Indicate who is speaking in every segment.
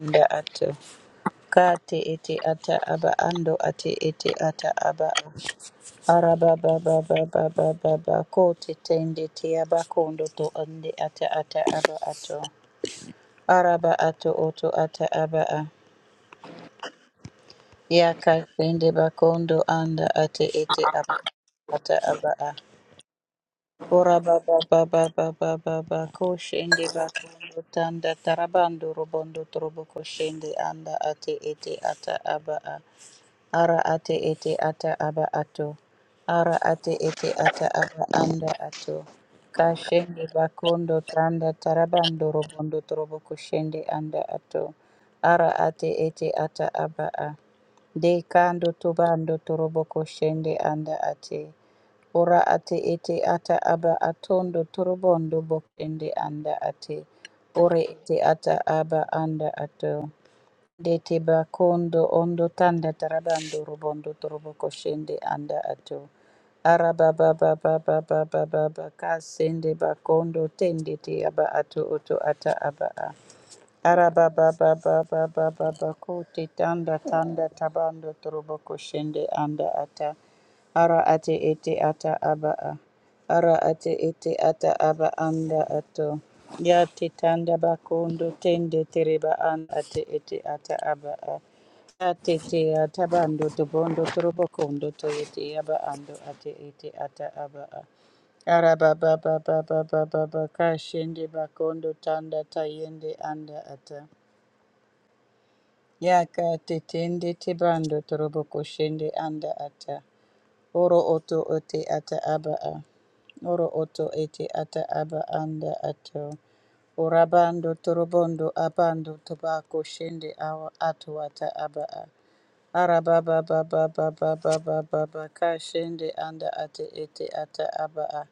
Speaker 1: Anda ato kate ete ata aba ando ate ete ata aba araba baba baba baba ba ba ko te tende te aba kondo to ande ata ata aba ato araba ato oto ata aba a ya ka tende ba kondo anda ate ete aba ata aba a ora baba baba baba baba ko shende ba kondo tanda tarabando robondo trobo ko shende anda ate ete ata aba a Ara ate ete ata aba ato. Ara ate ete ata aba anda ato. Kashende bakondo tanda tarabando robondo torobo kushende anda ato. Ara ate ete ata aba a. De kando tobando torobo kushende anda ate. Ora ate ete ata aba atondo torobondo bokende anda ate. Ore ete ata aba anda ato. Dete bakondo ondo tanda tarabando robondo torobo koshende anda ato. Araba baba baba baba baba kasende bakondo tende te aba ato oto ata aba a. Arababababababababakoti tanda tanda tabando turubo kushende anda ata. Ara ate ete ata aba a. Ara ate ete ata aba anda ato. Ya te tanda bakondo tende tereba an ate ete ata aba a. Ya te te ata bando tubondo turubo to ete aba ando ate ete ata aba a. Arabababababababakashende bakondo tanda tayende anda ata. Yaka tetende tebando torobo koshende anda ata. Oro oto ote ata aba a. Oro oto ete ata aba anda ato. Orabando torobondo abando tobako shende awa ato ata aba a. Arabababababababababakashende anda ate ete ata aba a.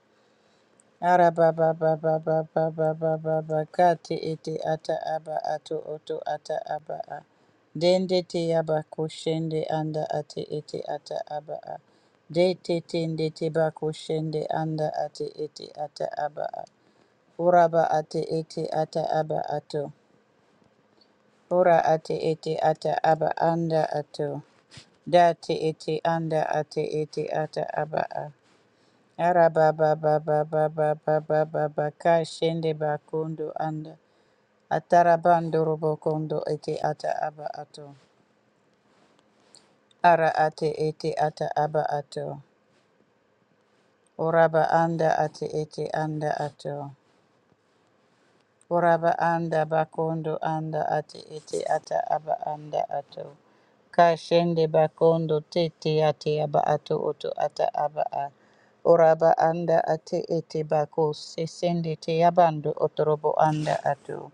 Speaker 1: Arababababababababa kati iti ata aba atu utu ata aba a. Dende te aba kushende anda ati iti ata aba a. Dete te tende te ba kushende anda ati iti ata aba a. Uraba ati iti ata aba atu. Ura ati iti ata aba anda atu. Da te iti anda ati iti ata aba a. Arabababababababababaka shende bakondo anda atarabandoro bokondo ete ata aba ato ara ate ete ata aba ato oraba anda ate ete anda ato Uraba anda bakondo anda ate ete ata aba anda ato. Kashende bakondo tete ate aba ato oto ata aba a. Uraba anda ate ete bako sesende te abando otorobo anda ato.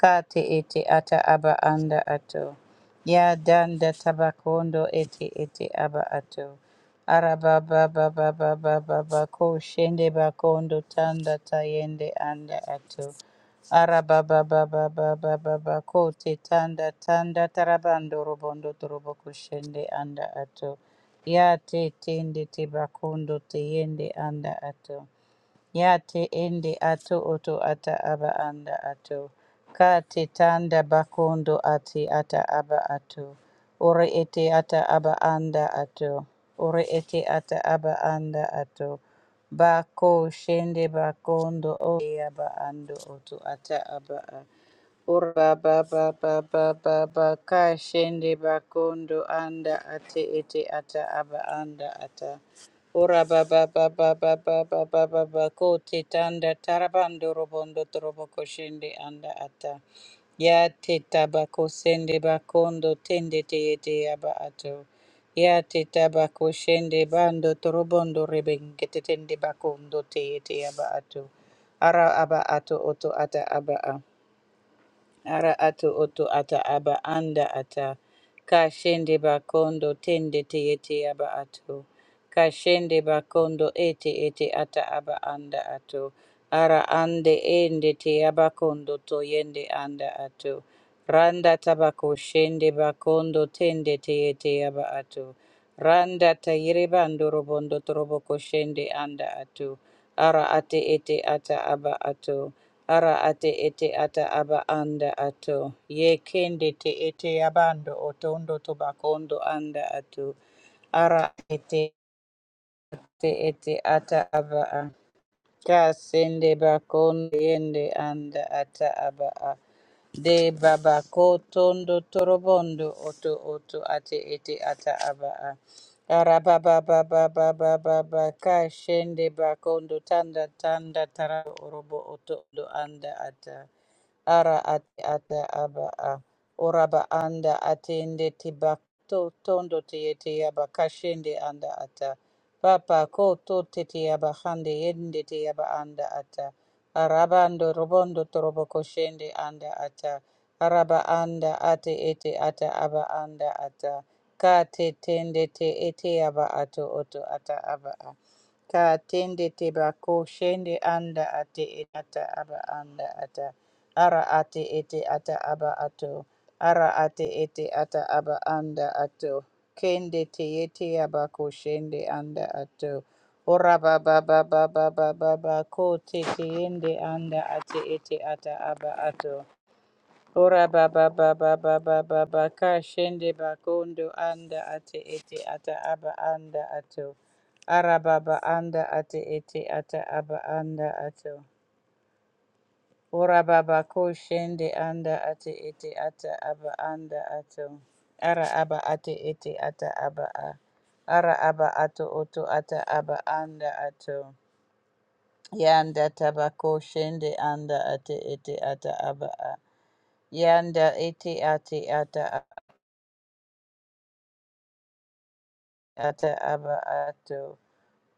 Speaker 1: Kate ete ata aba anda ato. Ya danda tabakondo ete ete aba ato. Araba baba baba baba bako shende bakondo tanda tayende anda ato. Araba ba ba ba ba ba ba ba kote tanda tanda tarabando robondo torobo kushende anda ato. Ya te tende te bakondo te yende anda ato. Ya te ende ato oto ata aba anda ato. Ka te tanda bakondo ate ata aba ato. Ore ete ata aba anda ato. Ore ete ata aba anda ato. Bako shende bakondo o aba ando oto ata aba ato. Ura baba baba baba ba ba ba ka shende bakondo anda ate ete ata aba anda ata. Ura baba baba baba baba ba ba ko te tanda tarabando robondo trobo ko shende anda ata. Ya te tabako sende bakondo tende te ete aba ato. Ya te tabako shende bando trobondo rebengete tende bakondo te ete aba ato. Ara aba ato oto ata aba a. Ara atu otu ata aba anda ata. Kashende bakondo tende te ete aba ato. Kashende bakondo ete ete ata aba anda ato. Ara ande ende te abakondo to yende anda ato. Randa tabako shende bakondo tende te ete aba ato. Randa tayire bando robondo toroboko shende anda ato. Ara ate ete ata aba ato. Ara ate ete ata aba anda ato. Ye kende te ete abando otondo tobakondo anda ato. Ara ete te ete ata aba a. Kasende bakondo yende anda ata aba a. De baba ko tondo torobondo oto oto ate ete ata aba a. Araba baba baba baba baka shende bakondo tanda tanda tara orobo oto ondo anda ata. Ara ate ata aba a. Oraba anda atende tibato tondo te yete yaba kashende anda ata. Papa koto tete yaba hande yende te yaba anda ata. Arabando robondo torobo koshende anda ata. Araba anda ate ete ata aba anda ata. Ka te tende te ete yaba ato oto ata aba a. Ka tende teba ko shende anda ate ete ata aba anda ata. Ara ate ete ata aba ato. Ara ate ete ata aba anda ato. Kende te ete aba ko shende anda ato. Ora ba ba ba ba ba ba ba ba ko te te ende anda ate ete ata aba ato. Ora ba ba ba ba ka shende ba anda ate ete ata aba anda ato. Ara ba anda ate ete ata aba anda ato. Ora ba ko shende anda ate ete ata aba anda ato. Ara aba ate ete ata aba a. Ara aba ato oto ata aba anda ato. Yanda tabako shende anda ate ete ata aba a. Yanda ete ate ata ata aba ato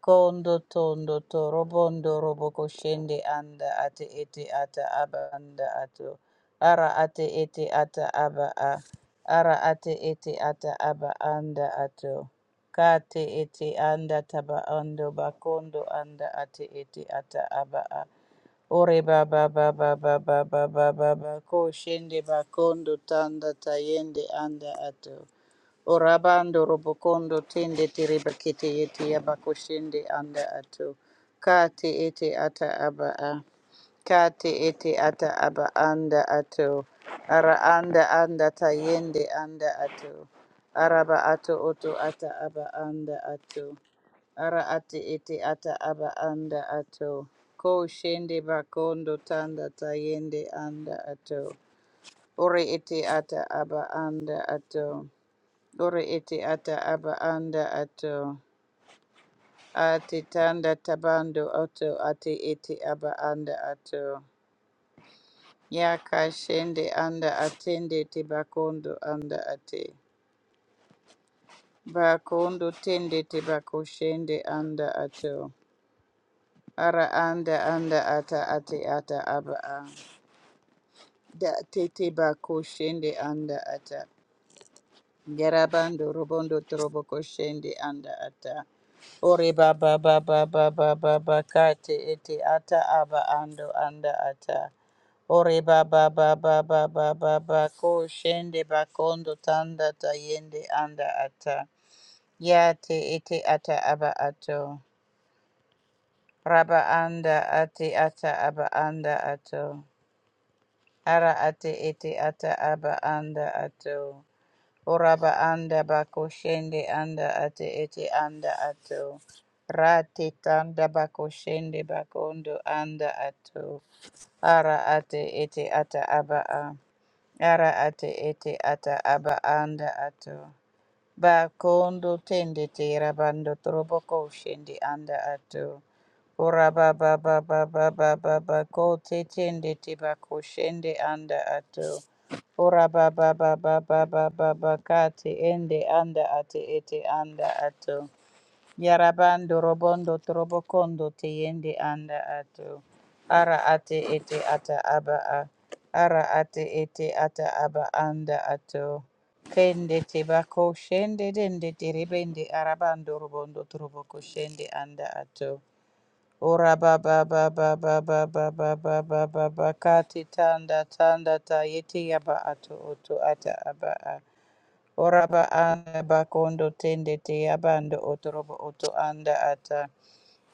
Speaker 1: kondo tondo torobondo roboko shende anda ate ete ata aba anda ato ara ate ete ata aba a ara ate ete ata aba anda ato kate ete anda taba ando bakondo anda ate ete ata aba a ore baba baba baba baba baba ko shende bakondo tanda tayende anda ato Orabando robokondo tende tereba kete yete yaba koshende anda ato. Kate ete ata aba a. Kate ete ata aba anda ato. Ara anda anda tayende anda ato. Araba ato oto ata aba anda ato. Ara ate ete ata aba anda ato. Ko shende bakondo tanda tayende anda ato. Ore ete ata aba anda ato. Ore ete ata aba anda ato. Ate tanda tabando oto ate ete aba anda ato. Yaka shende anda atende te bakondo anda ate. Bakondo tende te bako shende anda ato. Ara anda anda ata ate ata aba a. Da te te bako shende anda ata. Yarabando robondo trobo koshende anda ata. Ore baba baba baba baba kate ete ata aba ando anda ata. Ore baba baba baba baba ko shende bakondo tanda tayende anda ata. Yate ete ata aba ato. Raba anda ate ata aba anda ato. Ara ate ete ata aba anda ato. Oraba anda bako shende anda ate ete anda ato. Rate tanda bako shende bakondo anda ato. Ara ate ete ata aba a. Ara ate ete ata aba anda ato. Bakondo tende tera bando toroboko ushindi anda ato. Ora ba ba ba ba ba ba ba ba ko te tende te bako shende anda ato. Ora ba ba ba ba ba ba ba ba ka te ende anda ate ete anda ato. Yarabando robondo trobokondo teyende anda ato. Ara ate ete ata aba a. Ara ate ete ata aba anda ato. Kende te bako shende dende terebende arabando robondo troboko shende anda ato. Ora ba ba ba ba ba ba ba ba ba ba ba ba kati tanda tanda ta yete yaba ato oto ata aba a. Oraba anda bakondo tende te abando otorobo oto anda ata.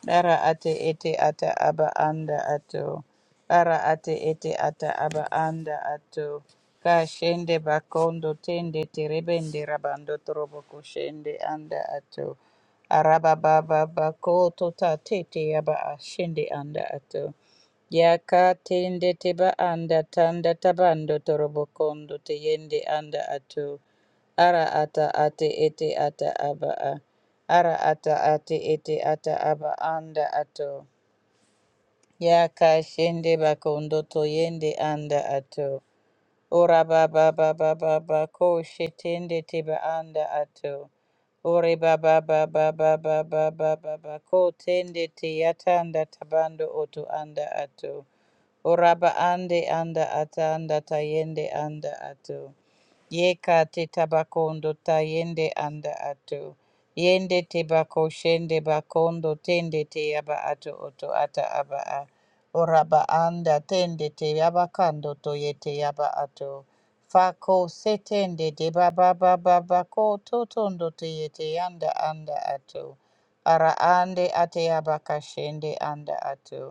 Speaker 1: Ara ate ete ata aba anda ato. Ara ate ete ata aba anda ato. Ka shende bakondo tende terebende rabando torobo kushende anda ato. Araba baba bako tota tete aba ashende anda ato. Yaka tende teba anda tanda tabando torobo kondo teyende anda ato. Ara ata ate ete ata aba a. Ara ata ati ete ata aba anda ato. Ya kashende bakondo to yende anda ato. Ora ba ba ba ba ba ba ko shetende teba anda ato. Ore ba ba ba ba ba ba ba ba ko tende te yatanda tabando oto anda ato. Oraba ande anda ata anda tayende anda ato. Yeka te tabakondo tayende anda ato. Yende te bako shende bakondo tende te aba ato oto ata aba a. Oraba anda tende te aba kando to yete aba ato. Fako setende de baba baba bako totondo te yete anda anda ato. Ara ande ate aba kashende anda ato.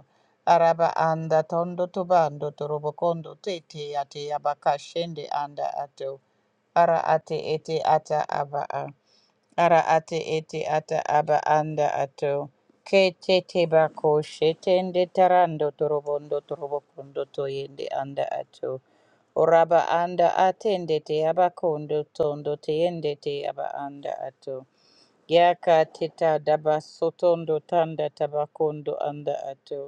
Speaker 1: Araba anda tondo tobando torobokondo tete ate abaka shende anda ato. Ara ate ete ata aba a. Ara ate ete ata aba anda ato. Ke tete bako shetende tarando torobondo torobokondo toyende anda ato. Oraba anda atende te abakondo tondo teyende te aba anda ato. Yaka teta daba sotondo tanda tabakondo anda ato.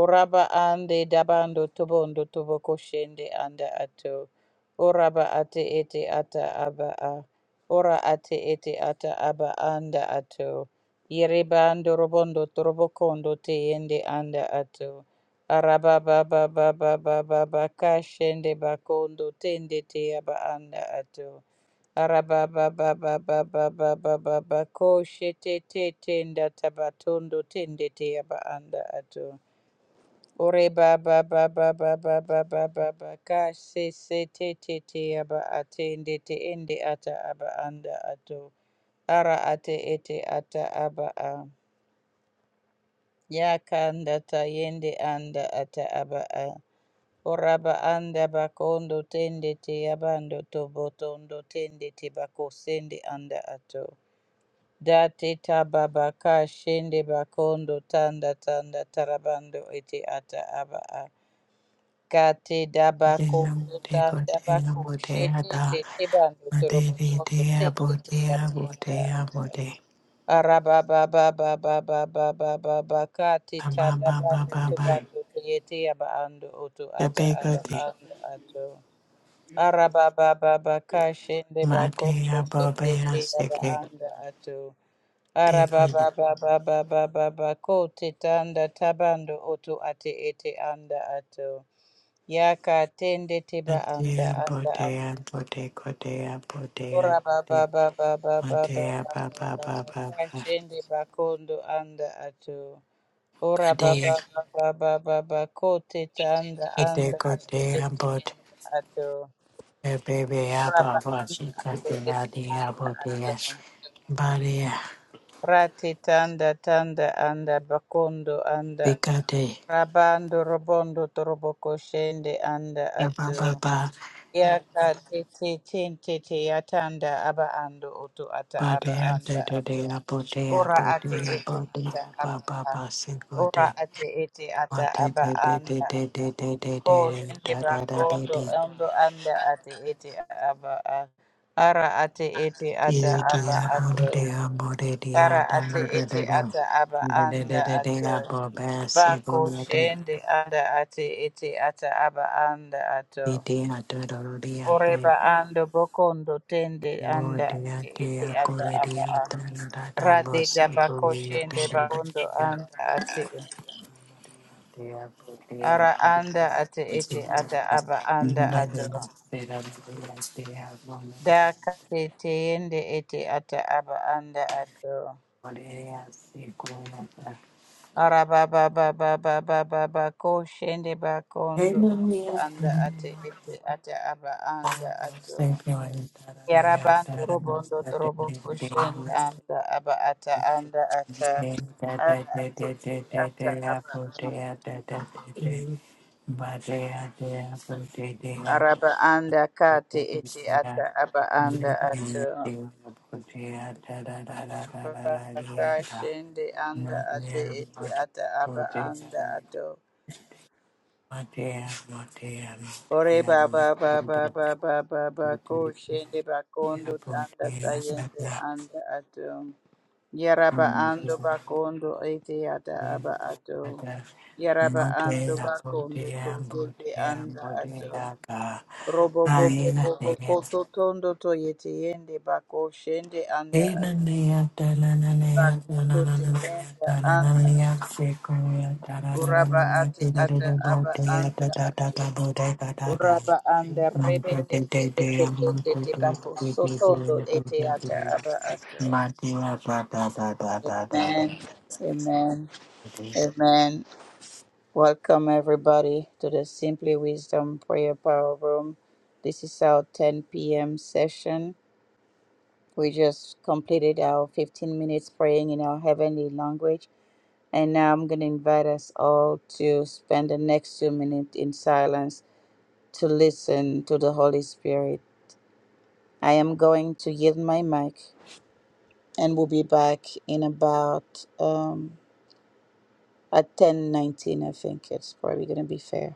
Speaker 1: Oraba ande dabando tobondo toboko shende anda ato. Oraba ate ete ata aba a. Ora ate ete ata aba anda ato. Yerebando robondo torobokondo te yende anda ato. Araba baba baba baba baka shende bakondo tende te aba anda ato. Araba baba baba baba baba bako shete te tenda tabatondo tende te aba anda ato. Ore ba ba ba ba ba ba ba ba ba ba ka se se te te te aba ate nde te ende ata aba anda ato ara ate ete ata aba a ya kanda ta yende anda ata aba a ora ba anda ba kondo tende te abando to botondo tende te bako sende anda ato da te ta ba ba ka shende ba kondo tanda tanda tarabando ete ata aba a Kati dabako
Speaker 2: Baby, Body,
Speaker 1: tuta
Speaker 2: big
Speaker 1: dabako shekinde tibando torobokondo tende tiyaba anda ata. Araba baba baba baba baba baka tita dabando tubando tuyete yaba ando oto ata aba anda ato. Araba baba baka shende bako, tende tiyaba anda ato. Araba baba baba baba bako titanda tabando oto ate ete anda ato. Yaka tende tiba anda
Speaker 2: body,
Speaker 1: anda anda. Ora baba baba baba baba baba kashende bakondo anda ato. Ora baba baba baba bako teta anda anda ato ete anda ato. Ora ba anda ato ete anda ato.
Speaker 2: ba
Speaker 1: Rate tanda tanda anda bakondo
Speaker 2: ba
Speaker 1: anda. Rabando robondo toroboko shende anda ato.
Speaker 2: ba ba.
Speaker 1: Ya ka te te ten te te ya aba ando oto ata
Speaker 2: Body
Speaker 1: aba anda
Speaker 2: de de de
Speaker 1: ato.
Speaker 2: abote
Speaker 1: Ora
Speaker 2: abote
Speaker 1: ate ete
Speaker 2: abote
Speaker 1: ata
Speaker 2: ba
Speaker 1: aba
Speaker 2: ba
Speaker 1: a.
Speaker 2: ba single de
Speaker 1: Ora ate ete ata
Speaker 2: mate
Speaker 1: aba
Speaker 2: de de de
Speaker 1: anda.
Speaker 2: de de de de
Speaker 1: Ko
Speaker 2: de
Speaker 1: shende
Speaker 2: da da da de
Speaker 1: bakondo
Speaker 2: de
Speaker 1: ando anda ate ete aba a. Ara ate ete ata
Speaker 2: de de
Speaker 1: aba
Speaker 2: abote
Speaker 1: ato.
Speaker 2: de abote de da
Speaker 1: Ara ate
Speaker 2: da da da
Speaker 1: ete
Speaker 2: da
Speaker 1: ata aba
Speaker 2: de de
Speaker 1: anda
Speaker 2: de de de
Speaker 1: ato.
Speaker 2: abote single
Speaker 1: Bako
Speaker 2: de
Speaker 1: shende anda ate ete ata aba anda ato.
Speaker 2: de de da da da de
Speaker 1: Oreba
Speaker 2: de
Speaker 1: ando bokondo tende
Speaker 2: bo
Speaker 1: anda
Speaker 2: de de
Speaker 1: ete ata
Speaker 2: akore de
Speaker 1: aba a.
Speaker 2: da da da bo
Speaker 1: Rade daba
Speaker 2: single de
Speaker 1: koshende
Speaker 2: de
Speaker 1: bakondo
Speaker 2: de
Speaker 1: anda ate.
Speaker 2: Hey,
Speaker 1: Ara anda ate ete ata aba anda ato. Da kate teende ete ata aba anda ato. Ara baba baba baba baba koshende bakondo anda ate ete ata aba anda ato. Yarabando robondo torobo kushen anda aba ata anda ata ara ate iti ata aba am. araba anda kate iti
Speaker 2: Motea,
Speaker 1: ata aba anda ata baka shende anda ate iti ata aba anda ato
Speaker 2: motea,
Speaker 1: ore
Speaker 2: motea,
Speaker 1: baba baba baba baba ko shende bakondo tanda tayende anda ato Yaraba ando bakondo ete ata aba ato. Yaraba ando bakondo to yende anda ato. Robo bobo bobo
Speaker 2: motea,
Speaker 1: koto tondo to yete yende bako shende anda
Speaker 2: Thank
Speaker 1: ato. Bakondo te yende anda. Uraba ate ata aba anda ato. Uraba anda rebe te rebe te tende te bako sotondo ete ata aba ato. Amen. Amen.
Speaker 2: you.
Speaker 1: Amen. Welcome, everybody, to the Simply Wisdom Prayer Power Room. This is our 10 p.m. session. We just completed our 15 minutes praying in our heavenly language. And now I'm going to invite us all to spend the next two minutes in silence to listen to the Holy Spirit. I am going to yield my mic and we'll be back in about um, at 10:19, I think it's probably going to be fair.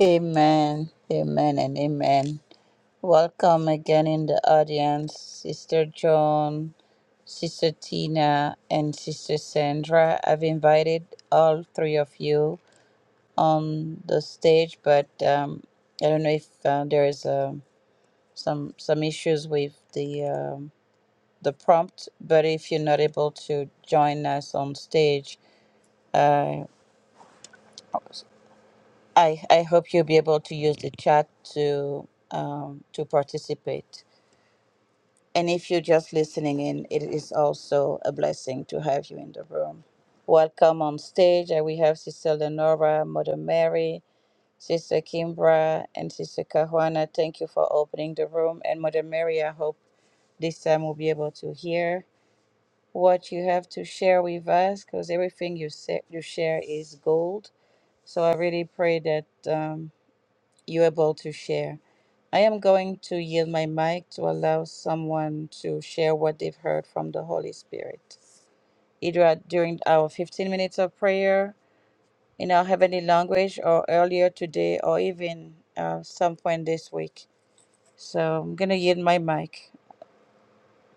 Speaker 1: Amen, amen, and amen. Welcome again in the audience, Sister Joan, Sister Tina, and Sister Sandra. I've invited all three of you on the stage, but um, I don't know if uh, there is um some some issues with the um, the prompt. But if you're not able to join us on stage, uh, I I hope you'll be able to use the chat to um, to participate. And if you're just listening in, it is also a blessing to have you in the room. Welcome on stage. Uh, We have Sister Lenora, Mother Mary, Sister Kimbra, and Sister Kahuana. Thank you for opening the room. And Mother Mary, I hope this time we'll be able to hear what you have to share with us because everything you, say, you share is gold. So I really pray that. um, you're able to share. I am going to yield my mic to allow someone to share what they've heard from the Holy Spirit, either at- during our 15 minutes of prayer in our heavenly language, or earlier today, or even uh, some point this week. So I'm going to yield my mic.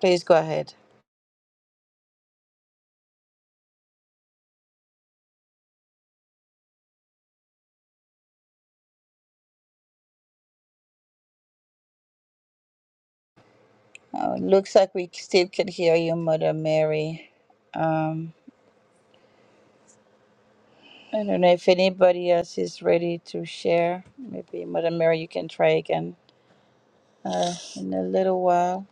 Speaker 1: Please go ahead. Oh, looks like we still can hear you, Mother Mary. Um, I don't know if anybody else is ready to share. Maybe, Mother Mary, you can try again. uh, in a little while.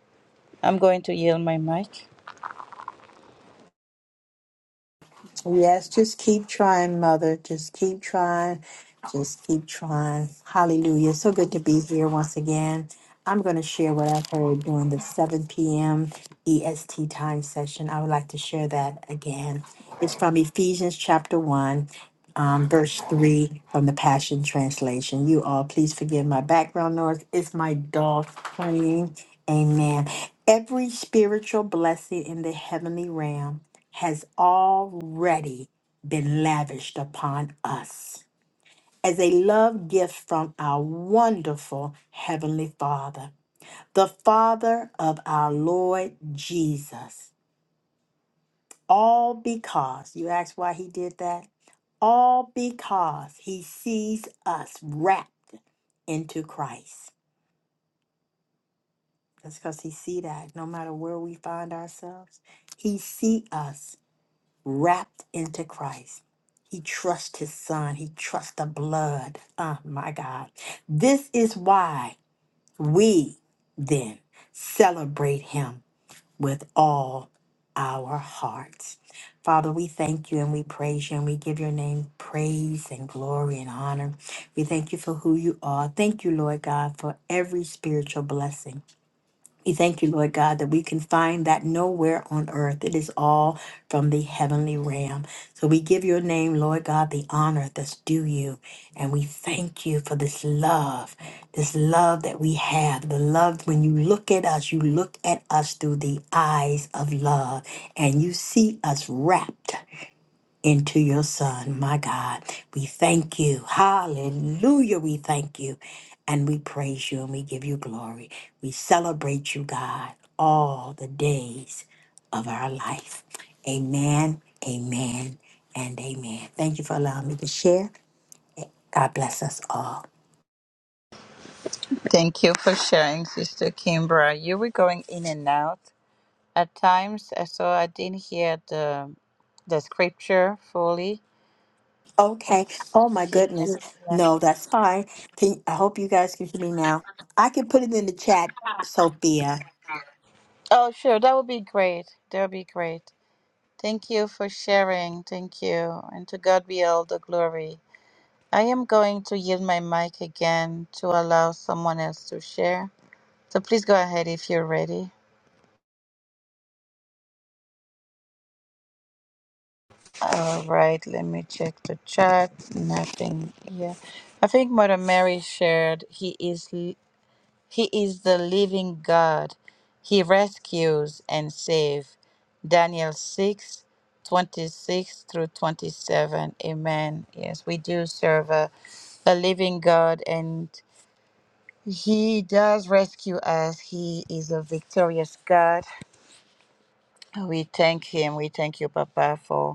Speaker 1: I'm going to yield my mic.
Speaker 2: Yes, just keep trying, Mother. Just keep trying. Just keep trying. Hallelujah. So good to be here once again. I'm going to share what I've heard during the 7 p.m. EST time session. I would like to share that again. It's from Ephesians chapter 1, um, verse 3 from the Passion Translation. You all, please forgive my background noise. It's my dog cleaning. Amen. Every spiritual blessing in the heavenly realm has already been lavished upon us as a love gift from our wonderful Heavenly Father, the Father of our Lord Jesus. All because, you ask why he did that? All because he sees us wrapped into Christ. That's because he see that no matter where we find ourselves, he see us wrapped into Christ. He trusts his son. He trusts the blood. Oh my God. This is why we then celebrate him with all our hearts. Father, we thank you and we praise you and we give your name praise and glory and honor. We thank you for who you are. Thank you, Lord God, for every spiritual blessing. We thank you, Lord God, that we can find that nowhere on earth. It is all from the heavenly realm. So we give your name, Lord God, the honor that's due you. And we thank you for this love, this love that we have. The love, when you look at us, you look at us through the eyes of love, and you see us wrapped into your son, my God. We thank you. Hallelujah. We thank you. And we praise you and we give you glory. We celebrate you, God, all the days of our life. Amen, amen, and amen. Thank you for allowing me to share. God bless us all.
Speaker 1: Thank you for sharing, Sister Kimbra. You were going in and out at times, uh, so I didn't hear the the scripture fully.
Speaker 2: Okay. Oh, my
Speaker 1: If you-
Speaker 2: goodness.
Speaker 1: yeah.
Speaker 2: No, that's fine. Can, I hope you guys can hear me now. I can put it in the chat, Sophia.
Speaker 1: Oh, sure, that would be great. That would be great. Thank you for sharing. Thank you, and to God be all the glory. I am going to yield my mic again to allow someone else to share. So please go ahead if you're ready. All right, let me check the chat. Nothing. Yeah. I think Mother Mary shared he is l- he is the living God. He rescues and saves. Daniel 6, 26 through 27. Amen. Yes, we do serve a, a living God and he does rescue us. He is a victorious God. We thank him. We thank you, Papa, for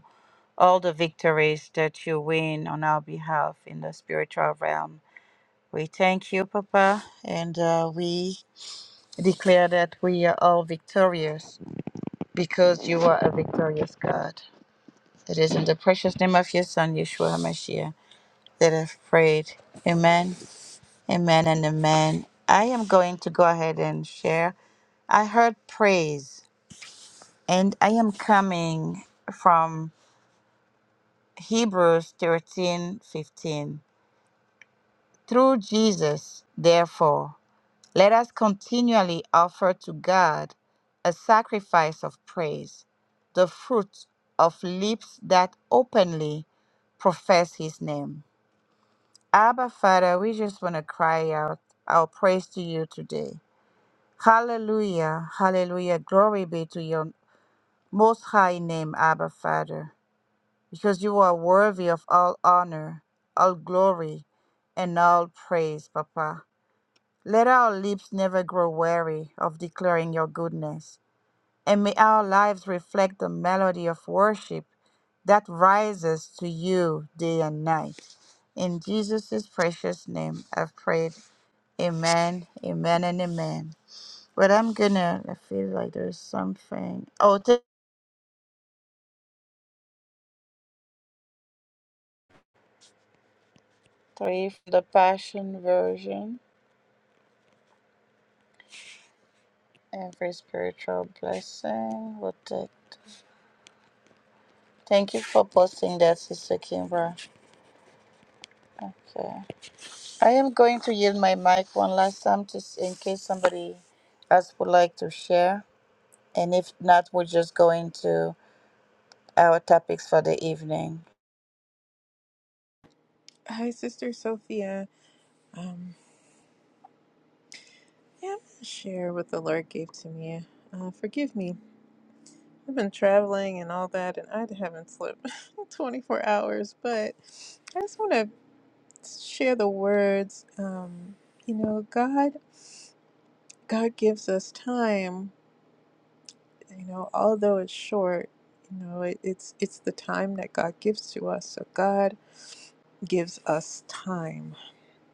Speaker 1: all the victories that you win on our behalf in the spiritual realm. We thank you, Papa, and uh, we declare that we are all victorious because you are a victorious God. It is in the precious name of your Son, Yeshua HaMashiach, that I've prayed. Amen, amen, and amen. I am going to go ahead and share. I heard praise, and I am coming from Hebrews thirteen fifteen. Through Jesus, therefore, let us continually offer to God a sacrifice of praise, the fruit of lips that openly profess his name. Abba, Father, we just want to cry out our praise to you today. Hallelujah, hallelujah. Glory be to your most high name, Abba, Father, because you are worthy of all honor, all glory, and all praise, Papa. Let our lips never grow weary of declaring your goodness, and may our lives reflect the melody of worship that rises to you day and night. In Jesus' precious name, I've prayed. Amen, amen, and amen. But I'm gonna, I feel like there's something. Oh, th- three for the Passion Version. Every spiritual blessing. We'll take. Thank you for posting that, Sister Kimbra. Okay. I am going to yield my mic one last time just in case somebody else would like to share. And if not, we're just going to our topics for the evening.
Speaker 3: Hi, Sister Sophia. Um, yeah, I'm gonna share what the Lord gave to me. Uh, forgive me. I've been traveling and all that, and I haven't slept 24 hours, but I just want to share the words. Um, you know, God, God gives us time. You know, although it's short, you know, it, it's it's the time that God gives to us. So God gives us time.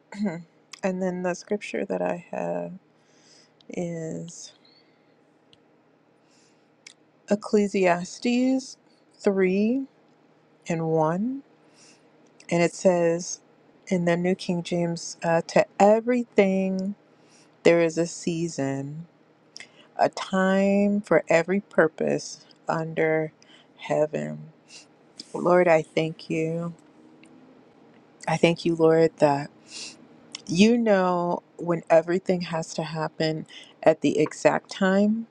Speaker 3: and then the scripture that I have is. Ecclesiastes 3 and 1, and it says in the New King James, uh, To everything there is a season, a time for every purpose under heaven. Lord, I thank you. I thank you, Lord, that you know when everything has to happen at the exact time.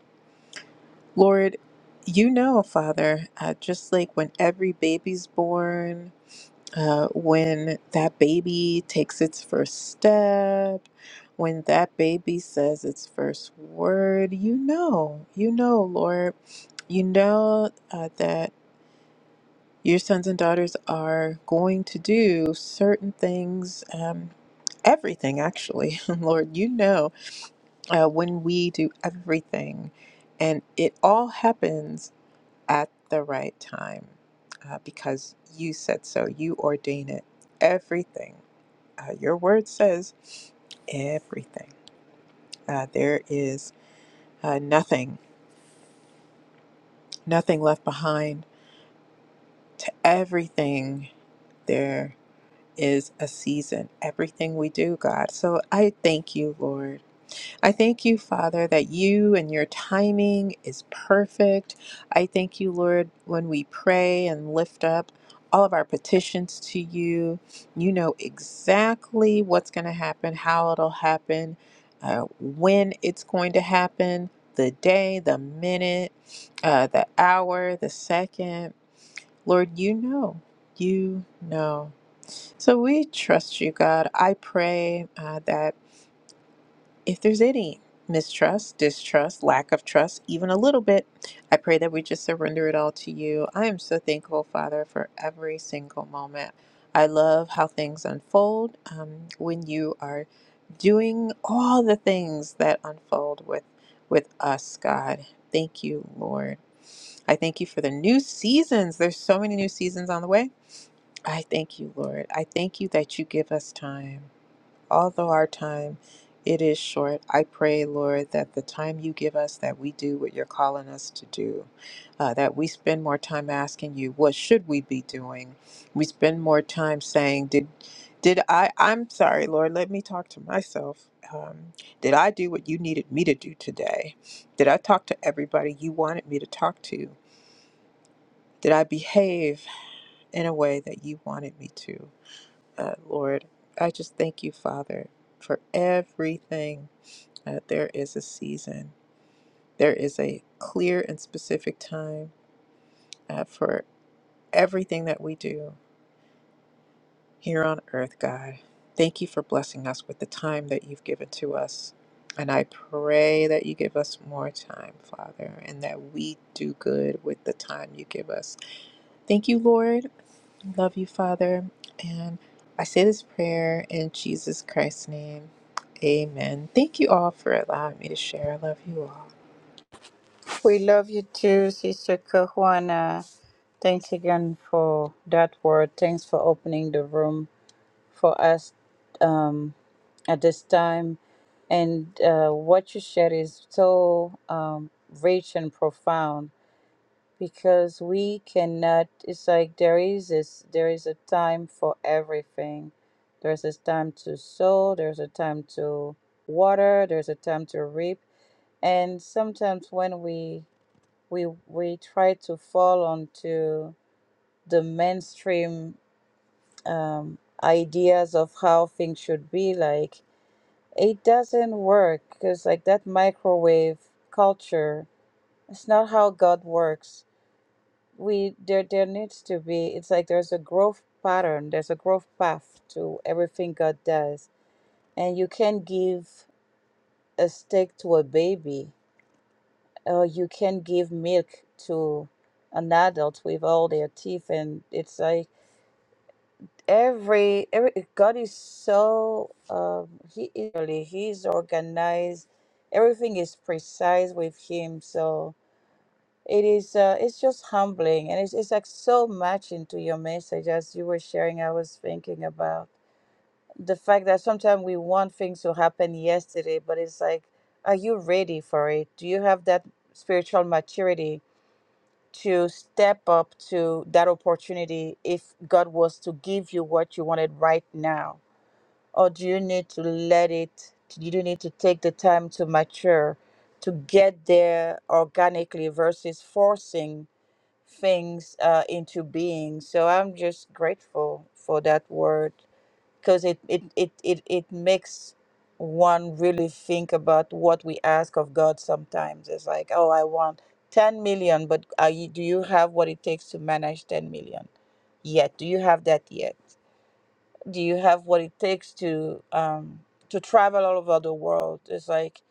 Speaker 3: Lord, you know, Father, uh, just like when every baby's born, uh, when that baby takes its first step, when that baby says its first word, you know, you know, Lord, you know uh, that your sons and daughters are going to do certain things, um, everything actually, Lord, you know, uh, when we do everything, and it all happens at the right time uh, because you said so, you ordain it, everything uh, your word says everything. Uh, there is uh, nothing, nothing left behind. To everything, there is a season. Everything we do, God. So I thank you, Lord. I thank you, Father, that you and your timing is perfect. I thank you, Lord, when we pray and lift up all of our petitions to you, you know exactly what's going to happen, how it'll happen, uh, when it's going to happen, the day, the minute, uh, the hour, the second. Lord, you know. You know. So we trust you, God. I pray uh, that if there's any mistrust, distrust, lack of trust, even a little bit, I pray that we just surrender it all to you. I am so thankful, Father, for every single moment. I love how things unfold um, when you are doing all the things that unfold with with us, God. Thank you, Lord. I thank you for the new seasons. There's so many new seasons on the way. I thank you, Lord. I thank you that you give us time although our time it is short i pray lord that the time you give us that we do what you're calling us to do uh, that we spend more time asking you what should we be doing we spend more time saying did did i i'm sorry lord let me talk to myself um, did i do what you needed me to do today did i talk to everybody you wanted me to talk to did i behave in a way that you wanted me to uh, Lord. I just thank you, Father, for everything. Uh, there is a season, there is a clear and specific time uh, for everything that we do here on earth, God. Thank you for blessing us with the time that you've given to us. And I pray that you give us more time, Father, and that we do good with the time you give us. Thank you, Lord, Love you, Father. And I say this prayer in Jesus Christ's name. Amen. Thank you all for allowing me to share. I love you all.
Speaker 1: We love you too, Sister Kahuana. Thanks again for that word. Thanks for opening the room for us um, at this time. And uh, what you shared is so um, rich and profound because we cannot it's like there is this there is a time for everything there's a time to sow there's a time to water there's a time to reap and sometimes when we we we try to fall onto the mainstream um, ideas of how things should be like it doesn't work because like that microwave culture it's not how god works we there there needs to be it's like there's a growth pattern there's a growth path to everything god does and you can give a steak to a baby or you can give milk to an adult with all their teeth and it's like every every god is so um he is really he's organized everything is precise with him so it is uh, it's just humbling and it's, it's like so much into your message as you were sharing i was thinking about the fact that sometimes we want things to happen yesterday but it's like are you ready for it do you have that spiritual maturity to step up to that opportunity if god was to give you what you wanted right now or do you need to let it do you need to take the time to mature to get there organically versus forcing things uh, into being. So I'm just grateful for that word because it, it, it, it, it makes one really think about what we ask of God sometimes. It's like, oh, I want 10 million, but are you, do you have what it takes to manage 10 million yet? Do you have that yet? Do you have what it takes to um, to travel all over the world? It's like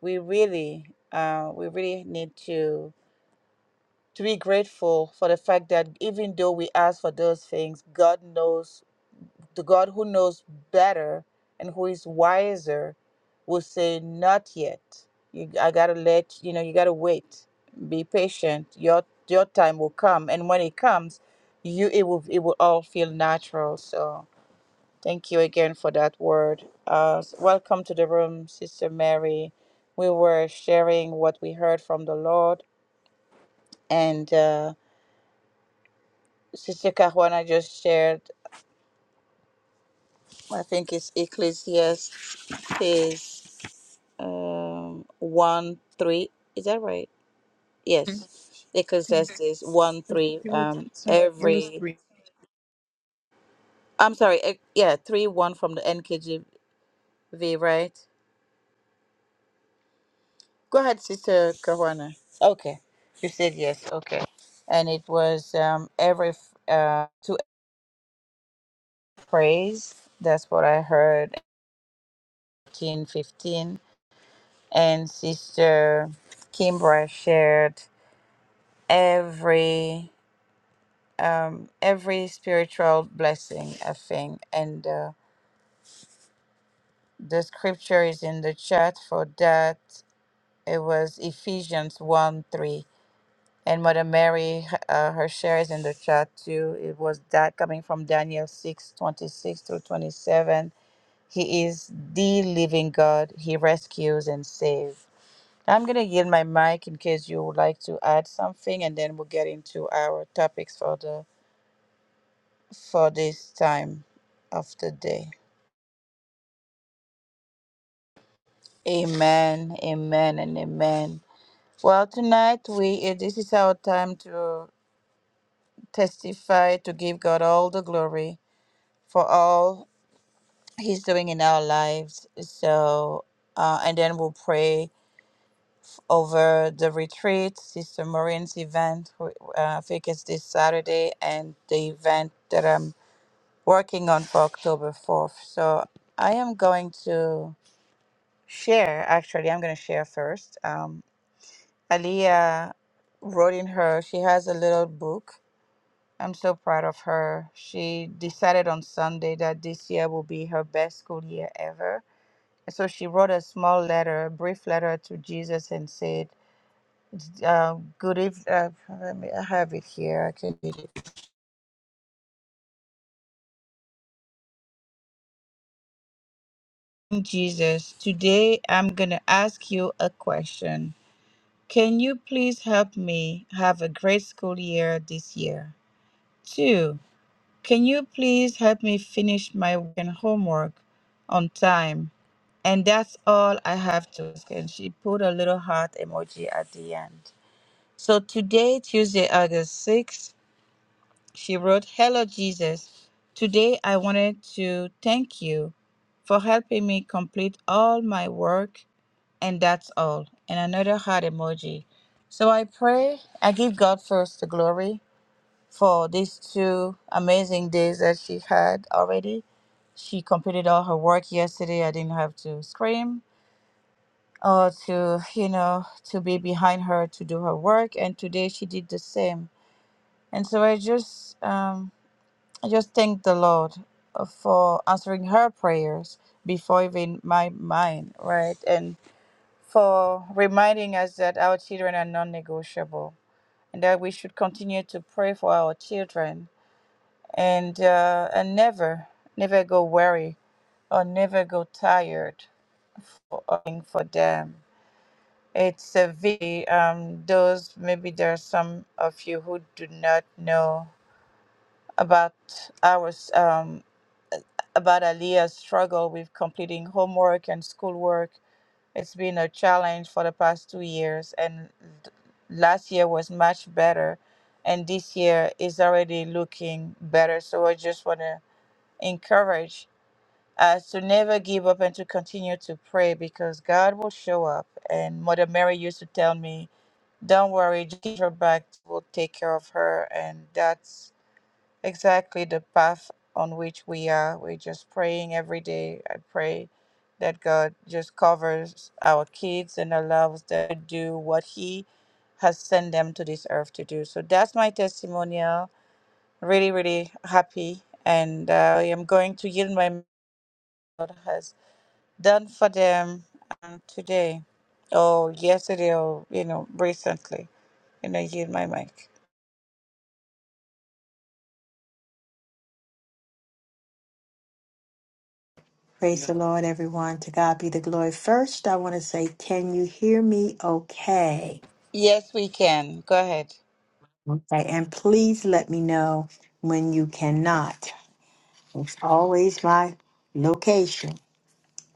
Speaker 1: we really uh, we really need to to be grateful for the fact that even though we ask for those things, God knows, the God who knows better and who is wiser will say, Not yet. You, I gotta let you know, you gotta wait. Be patient. Your your time will come. And when it comes, you it will it will all feel natural. So thank you again for that word. Uh, welcome to the room, Sister Mary. We were sharing what we heard from the Lord and uh Sister Caruana just shared, I think it's Ecclesiastes um, 1 3. Is that right?
Speaker 3: Mm.
Speaker 1: Yes. Ecclesiastes 1 3.
Speaker 3: It was
Speaker 1: Um,
Speaker 3: I'm sorry, it was
Speaker 1: every,
Speaker 3: three.
Speaker 1: I'm sorry, eh, yeah, 3 1 from the NKJV, right? Go ahead, Sister Caruana. Okay. You said yes. Okay. And it was um, every, f- uh, to praise. That's what I heard. 18 15. and Sister Kimbra shared every um, every spiritual blessing, I think, and uh, the scripture is in the chat for that. It was Ephesians one three, and Mother Mary uh, her share is in the chat too. It was that coming from Daniel six twenty six through twenty seven. He is the living God. He rescues and saves I'm going to yield my mic in case you would like to add something, and then we'll get into our topics for the for this time of the day. Amen, amen, and amen. Well, tonight we eh, this is our time to testify to give God all the glory for all He's doing in our lives. So, uh, and then we'll pray over the retreat, Sister Maureen's event, wh- uh, I think it's this Saturday, and the event that I'm working on for October 4th. So I am going to share, actually, I'm going to share first. Um, Aliyah wrote in her, she has a little book. I'm so proud of her. She decided on Sunday that this year will be her best school year ever. So she wrote a small letter, a brief letter to Jesus and said, uh, Good evening. Uh, let me, I have it here. I can read it. Jesus, today I'm going to ask you a question. Can you please help me have a great school year this year? Two, can you please help me finish my work and homework on time? And that's all I have to ask. And she put a little heart emoji at the end. So today, Tuesday, August 6th, she wrote, Hello, Jesus. Today, I wanted to thank you for helping me complete all my work and that's all. And another heart emoji. So I pray, I give God first the glory for these two amazing days that she had already. She completed all her work yesterday. I didn't have to scream or to, you know, to be behind her to do her work. And today she did the same. And so I just, um, I just thank the Lord uh, for answering her prayers before even my mine, right? And for reminding us that our children are non negotiable and that we should continue to pray for our children and, uh, and never, never go weary or never go tired for, um, for them. It's a V. Um, those maybe there are some of you who do not know about our um, about Aliyah's struggle with completing homework and schoolwork It's been a challenge for the past two years, and th- last year was much better, and this year is already looking better. So I just want to encourage us to never give up and to continue to pray because God will show up. And Mother Mary used to tell me, "Don't worry, just give her back. We'll take care of her." And that's exactly the path on which we are. We're just praying every day. I pray that God just covers our kids and allows them to do what He has sent them to this earth to do. So that's my testimonial. Really, really happy. And uh, I am going to yield my mic. God has done for them um, today, or yesterday, or you know, recently. And I yield my mic.
Speaker 2: Praise the Lord, everyone. To God be the glory. First, I want to say, can you hear me okay?
Speaker 1: Yes, we can. Go ahead.
Speaker 2: Okay. And please let me know when you cannot. It's always my location.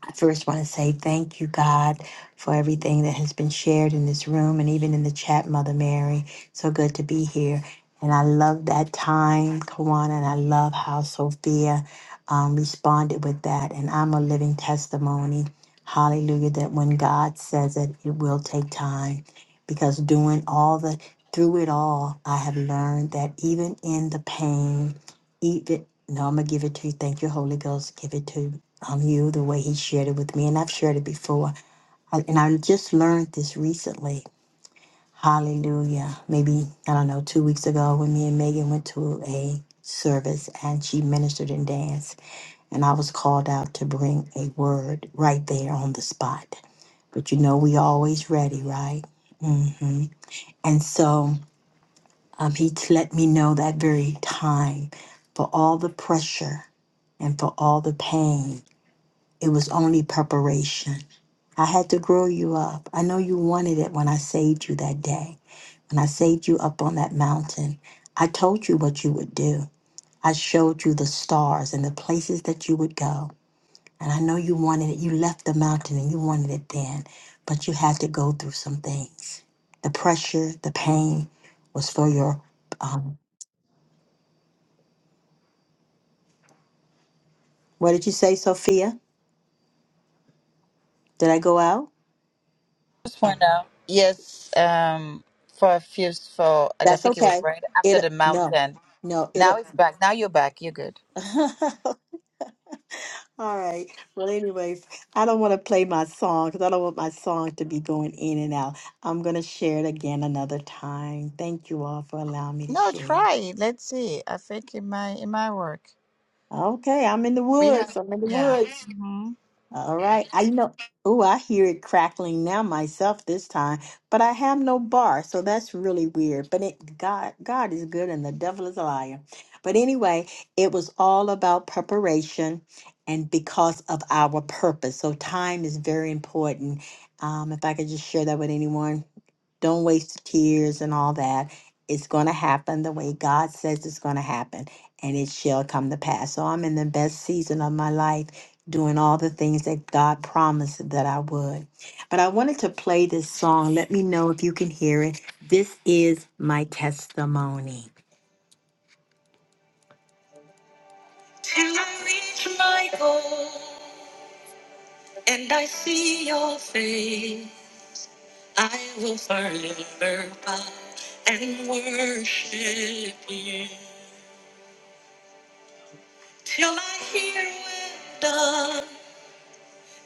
Speaker 2: I first want to say thank you, God, for everything that has been shared in this room and even in the chat, Mother Mary. So good to be here. And I love that time, Kawana, and I love how Sophia um, responded with that. And I'm a living testimony, hallelujah, that when God says it, it will take time. Because doing all the, through it all, I have learned that even in the pain, Eat it. No, I'm gonna give it to you. Thank you, Holy Ghost. Give it to um you the way He shared it with me, and I've shared it before. I, and I just learned this recently. Hallelujah. Maybe I don't know two weeks ago when me and Megan went to a service and she ministered and danced, and I was called out to bring a word right there on the spot. But you know we always ready, right? hmm And so um, he t- let me know that very time for all the pressure. and for all the pain. It was only preparation. I had to grow you up. I know you wanted it when I saved you that day. When I saved you up on that mountain, I told you what you would do. I showed you the stars and the places that you would go. And I know you wanted it. You left the mountain and you wanted it then, but you had to go through some things. The pressure, the pain was for your, um, what did you say, Sophia? Did I go out?
Speaker 1: just find out. Yes, um, for a few, for I
Speaker 2: That's
Speaker 1: think it was
Speaker 2: okay.
Speaker 1: right after
Speaker 2: It,
Speaker 1: the
Speaker 2: no,
Speaker 1: mountain.
Speaker 2: no,
Speaker 1: Now
Speaker 2: it,
Speaker 1: it's back. Now you're back. You're good.
Speaker 2: All right. Well, anyway, I don't want to play my song because I don't want my song to be going in and out. I'm going to share it again another time. Thank you all for allowing me to
Speaker 1: No,
Speaker 2: share.
Speaker 1: try it. Let's see. I think it might it might work.
Speaker 2: Okay, I'm in the
Speaker 1: We have
Speaker 2: woods. I'm in the
Speaker 1: yeah.
Speaker 2: woods.
Speaker 1: hmm
Speaker 2: All right. I you know. Oh, I hear it crackling now myself this time, but I have no bar, so that's really weird. But it, God, God is good, and the devil is a liar. But anyway, it was all about preparation, and because of our purpose. So time is very important. Um, if I could just share that with anyone, don't waste tears and all that. It's going to happen the way God says it's going to happen, and it shall come to pass. So I'm in the best season of my life doing all the things that God promised that I would. But I wanted to play this song. Let me know if you can hear it. This is my testimony. Till I reach my goal and I see your face, I will forever bow and worship you. till I hear we're done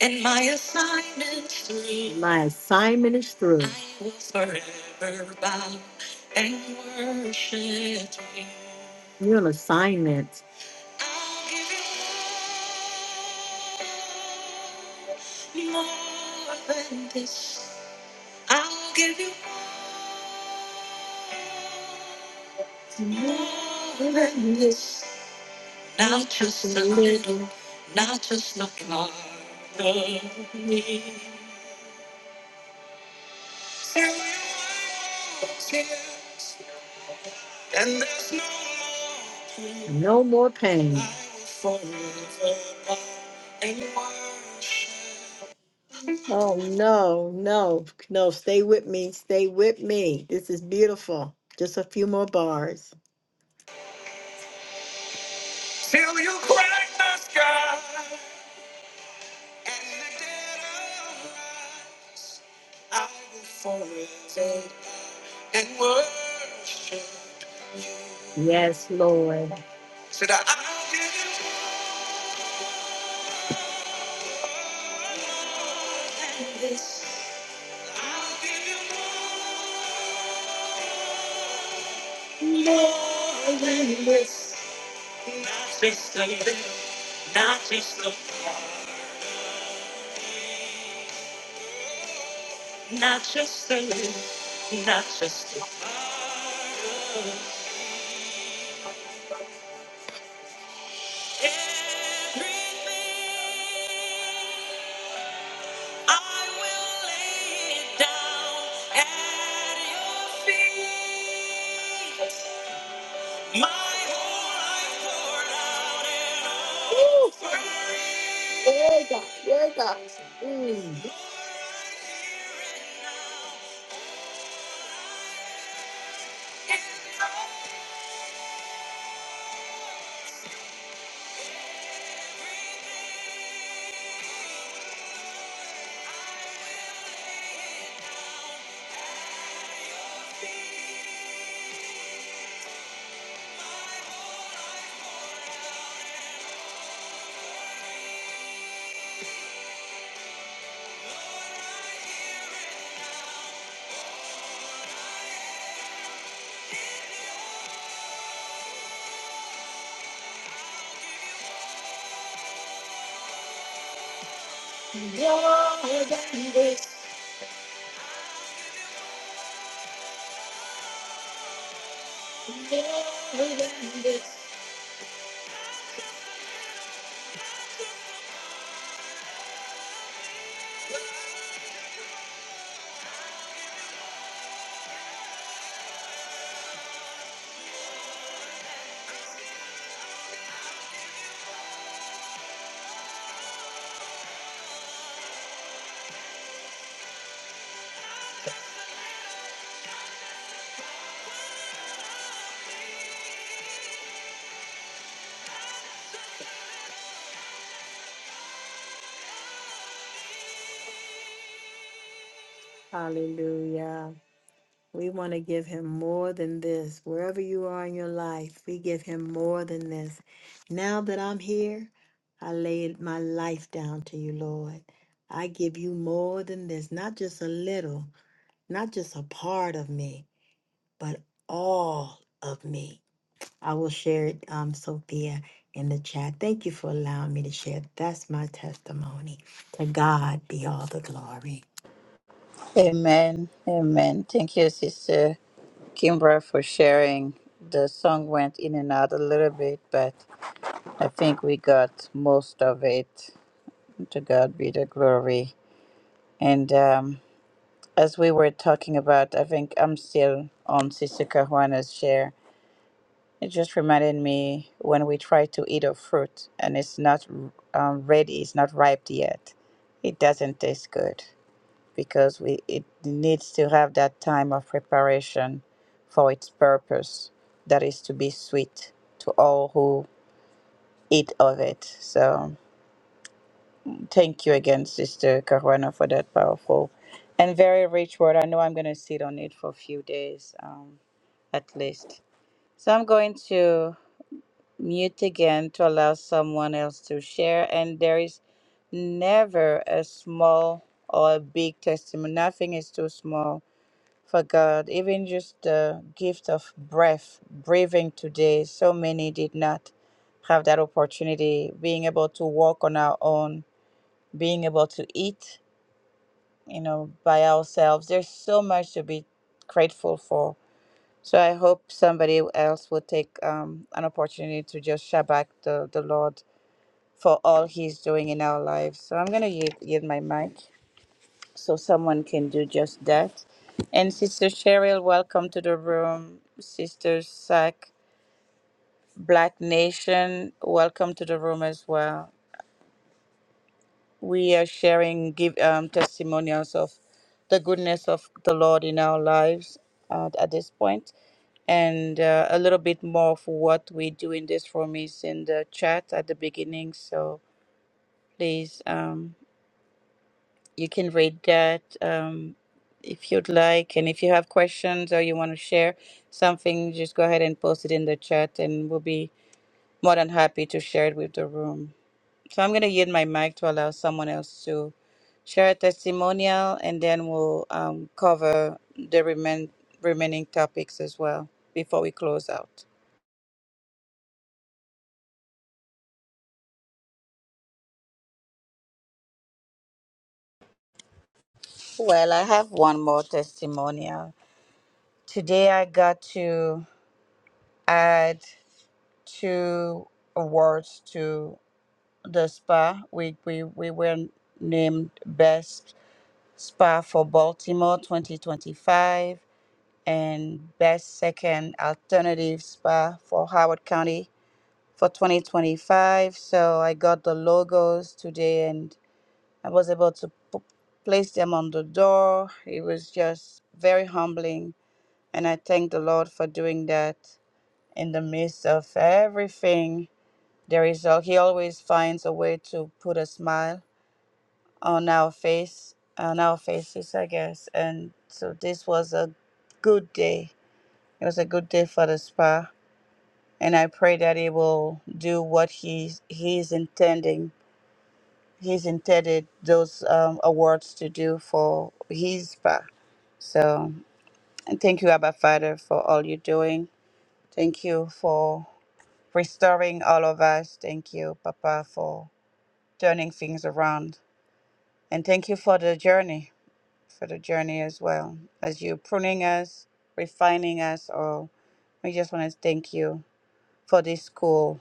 Speaker 2: and my assignment's through. My assignment is through. I will forever bow and worship you. You're an assignment. I'll give you more than this. I'll give you more than this not just a little, not just a part of me. There are tears, and there's no more pain. No more pain. I will forever bow and worship. Oh no, no, no, stay with me, stay with me. This is beautiful. Just a few more bars. Till you crack the sky. And the dead will I will forever and worship you. Yes, Lord. Said I i give you more than this. I'll give you more, more than this. Not just a little, not just a not just a little, not just a part of everything. I will lay it down at your feet. My whole life poured out in Woo! Offering. Yeah, God. Yeah, God. Mm. Yeah, God. Hallelujah. We want to give him more than this. Wherever you are in your life, we give him more than this. Now that I'm here, I lay my life down to you, Lord. I give you more than this, not just a little, not just a part of me, but all of me. I will share it, um, Sophia, in the chat. Thank you for allowing me to share. That's my testimony. To God be all the glory.
Speaker 1: Amen. Amen. Thank you, Sister Kimbra, for sharing. The song went in and out a little bit, but I think we got most of it. To God be the glory. And um, as we were talking about, I think I'm still on Sister Cajuana's share. It just reminded me when we try to eat a fruit and it's not um, ready, it's not ripe yet, it doesn't taste good because we it needs to have that time of preparation for its purpose, that is to be sweet to all who eat of it. So thank you again, Sister Caruana, for that powerful and very rich word. I know I'm going to sit on it for a few days. Um, at least. So I'm going to mute again to allow someone else to share. And there is never a small or a big testimony. Nothing is too small for God. Even just the gift of breath, breathing today, so many did not have that opportunity, being able to walk on our own, being able to eat, you know, by ourselves. There's so much to be grateful for So I hope somebody else will take um, an opportunity to just shout back the, the Lord for all He's doing in our lives. So I'm going to yield, yield my mic so someone can do just that. And Sister Cheryl, welcome to the room. Sister Sack, Black Nation, welcome to the room as well. We are sharing give um, testimonials of the goodness of the Lord in our lives uh, at this point, and uh, a little bit more of what we do in this room is in the chat at the beginning. So please, um, you can read that um, if you'd like, and if you have questions or you want to share something, just go ahead and post it in the chat, and we'll be more than happy to share it with the room. So I'm going to yield my mic to allow someone else to share a testimonial and then we'll um, cover the remain, remaining topics as well before we close out. Well, I have one more testimonial. Today I got to add two awards to the spa. We, we, we were named Best Spa for Baltimore 2025 and Best Second Alternative Spa for Howard County for 2025. So I got the logos today and I was able to p- place them on the door. It was just very humbling. And I thank the Lord for doing that in the midst of everything. There is a, He always finds a way to put a smile on our face, on our faces, I guess. And so this was a good day it was a good day for the spa, and I pray that he will do what he he's intending. He's intended those um, awards to do for his spa. So, and thank you, Abba Father, for all you're doing. Thank you for restoring all of us. Thank you, Papa, for turning things around, and thank you for the journey, for the journey as well, as you pruning us, refining us. All we just want to thank you for this school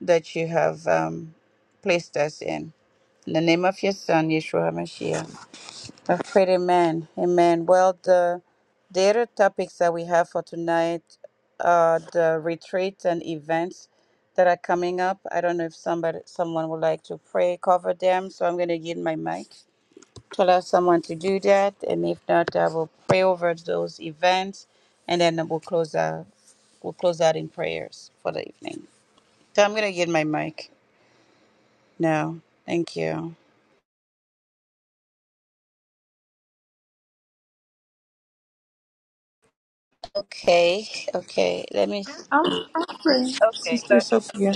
Speaker 1: that you have um, placed us in. In the name of your Son, Yeshua HaMashiach. I've prayed, Amen. Amen. Well, the, the other topics that we have for tonight are the retreats and events that are coming up. I don't know if somebody, someone would like to pray, cover them. So I'm going to yield my mic to allow someone to do that. And if not, I will pray over those events and then we'll close out, we'll close out in prayers for the evening. So I'm going to yield my mic. No, thank you. Okay, okay. Let me.
Speaker 3: I'll, I'll pray,
Speaker 1: Okay, go
Speaker 3: Sister
Speaker 1: ahead.
Speaker 3: Sophia.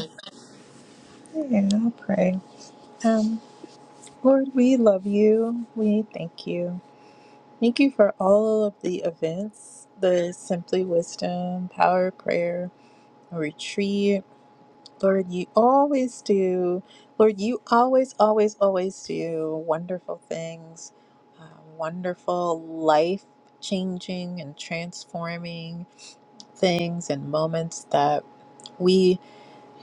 Speaker 3: Yeah, I'll pray. Um, Lord, we love you. We thank you. Thank you for all of the events, the Simply Wisdom, Power Prayer, Retreat. Lord, you always do. Lord, you always, always, always do wonderful things, uh, wonderful life changing and transforming things and moments that we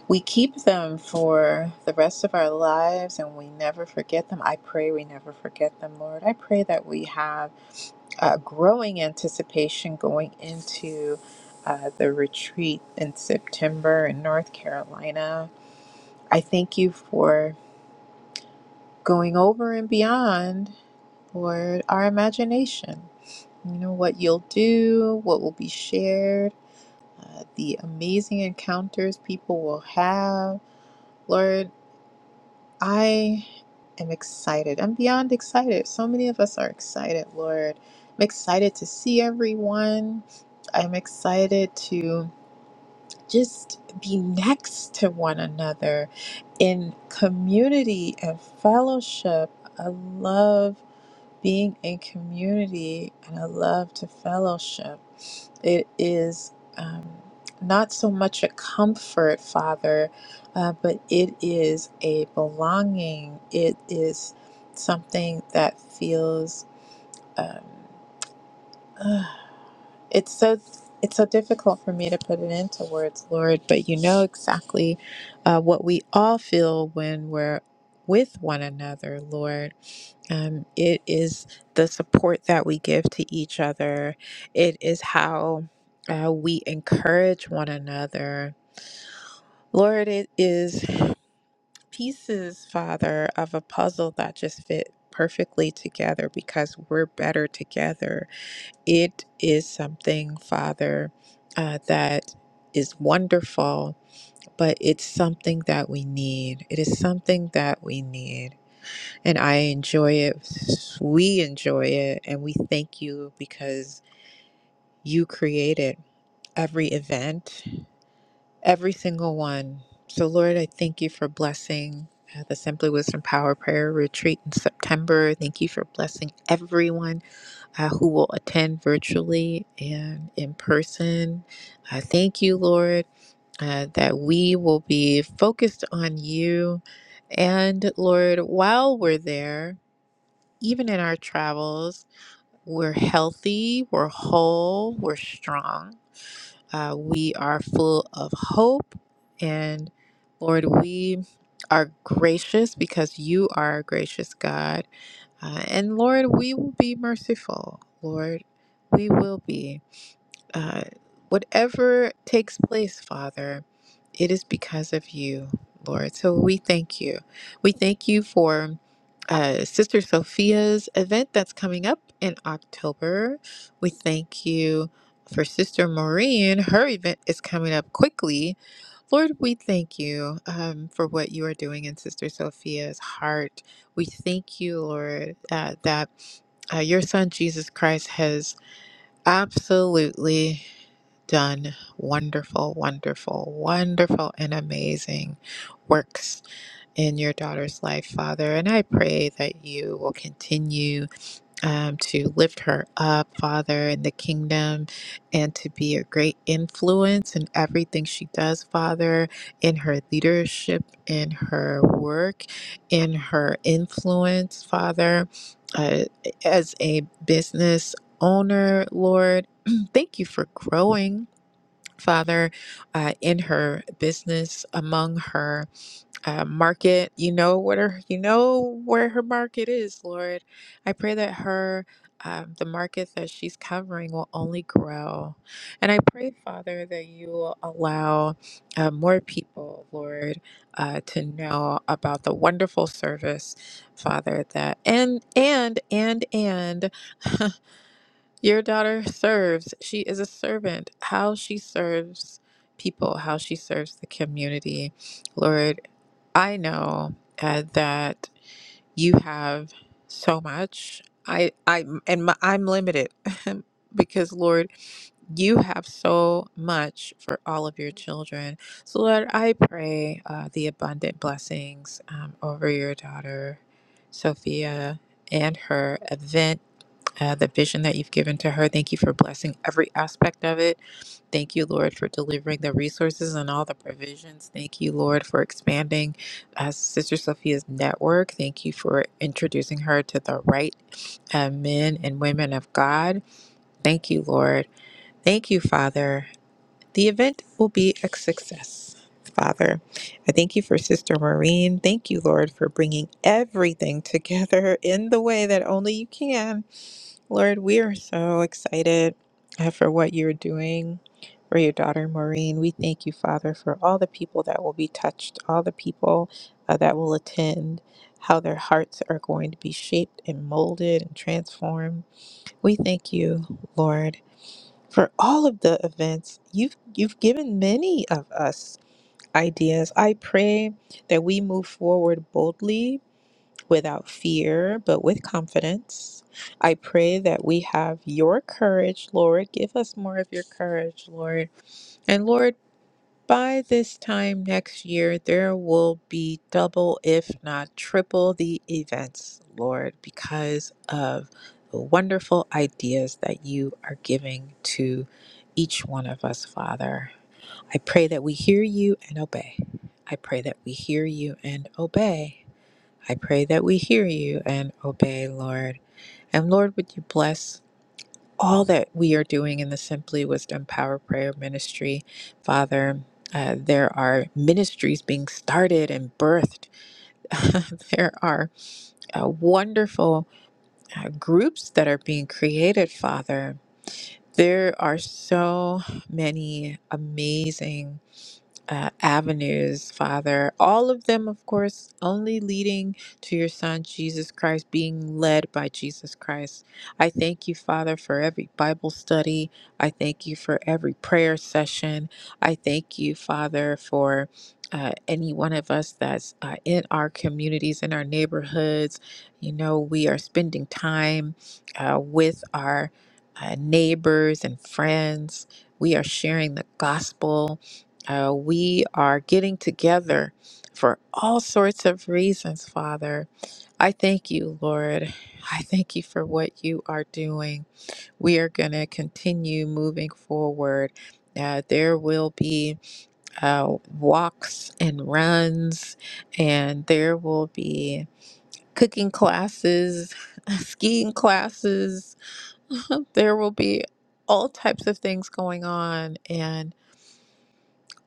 Speaker 3: we keep them for the rest of our lives and we never forget them i pray we never forget them lord i pray that we have a growing anticipation going into uh, the retreat in september in north carolina I thank you for going over and beyond, Lord, our imagination. You know, what you'll do, what will be shared, uh, the amazing encounters people will have. Lord, I am excited. I'm beyond excited. So many of us are excited, Lord. I'm excited to see everyone. I'm excited to just be next to one another in community and fellowship. I love being in community and I love to fellowship. It is um, not so much a comfort, Father, uh, but it is a belonging. It is something that feels. Um, it's so it's so difficult for me to put it into words lord but you know exactly uh, what we all feel when we're with one another lord um, it is the support that we give to each other it is how uh, we encourage one another lord it is pieces father of a puzzle that just fit perfectly together because we're better together it is something, Father, uh, that is wonderful, but it's something that we need. It is something that we need. And I enjoy it. We enjoy it. And we thank you because you created every event every single one. So, Lord, I thank you for blessing uh, the Simply Wisdom Power Prayer Retreat in September. Thank you for blessing everyone uh, who will attend virtually and in person. Uh, thank you, Lord, uh, that we will be focused on you. And, Lord, while we're there, even in our travels, we're healthy, we're whole, we're strong uh, we are full of hope. And Lord, we are gracious because you are a gracious God. Uh, and Lord, we will be merciful. Lord, we will be. Uh, whatever takes place, Father, it is because of you, Lord. So we thank you. We thank you for uh, Sister Sophia's event that's coming up in October. We thank you for Sister Maureen. Her event is coming up quickly. Lord, we thank you um, for what you are doing in Sister Sophia's heart. We thank you, Lord, uh, that uh, your son Jesus Christ has absolutely done wonderful, wonderful, wonderful, and amazing works in your daughter's life, Father. And I pray that you will continue um, to lift her up, Father, in the kingdom and to be a great influence in everything she does, Father, in her leadership, in her work, in her influence, Father. Uh, as a business owner, Lord, thank you for growing. Father, uh, in her business, among her uh, market. You know what her, you know where her market is, Lord. I pray that her, um, the market that she's covering will only grow, and I pray, Father, that you will allow uh, more people, Lord, uh, to know about the wonderful service, Father, that and and and and. Your daughter serves. She is a servant. How she serves people, how she serves the community. Lord, I know uh, that you have so much. I, I, and my, I'm limited because, Lord, you have so much for all of your children. So, Lord, I pray uh, the abundant blessings um, over your daughter, Sophia, and her event uh, the vision that you've given to her. Thank you for blessing every aspect of it. Thank you, Lord, for delivering the resources and all the provisions. Thank you, Lord, for expanding uh, Sister Sophia's network. Thank you for introducing her to the right uh, men and women of God. Thank you, Lord. Thank you, Father. The event will be a success. Father, I thank you for Sister Maureen. Thank you, Lord, for bringing everything together in the way that only you can Lord, we are so excited uh, for what you're doing for your daughter Maureen. We thank you, Father, for all the people that will be touched, all the people uh, that will attend, how their hearts are going to be shaped and molded and transformed. We thank you, Lord, for all of the events. You've you've given many of us ideas. I pray that we move forward boldly without fear, but with confidence. I pray that we have your courage, Lord. Give us more of your courage, Lord. And Lord, by this time next year, there will be double, if not triple, the events, Lord, because of the wonderful ideas that you are giving to each one of us, Father. I pray that we hear you and obey. I pray that we hear you and obey. I pray that we hear you and obey, Lord. And Lord, would you bless all that we are doing in the Simply Wisdom Power Prayer Ministry, Father? Uh, there are ministries being started and birthed. there are uh, wonderful uh, groups that are being created, Father. There are so many amazing uh, avenues, Father. All of them, of course, only leading to your Son, Jesus Christ, being led by Jesus Christ. I thank you, Father, for every Bible study. I thank you for every prayer session. I thank you, Father, for. Uh, any one of us that's uh, in our communities, in our neighborhoods, you know, we are spending time uh, with our uh, neighbors and friends. We are sharing the gospel uh, we are getting together for all sorts of reasons, Father. I thank you, Lord. I thank you for what you are doing. We are going to continue moving forward. Uh, there will be uh, walks and runs, and there will be cooking classes, skiing classes. there will be all types of things going on. And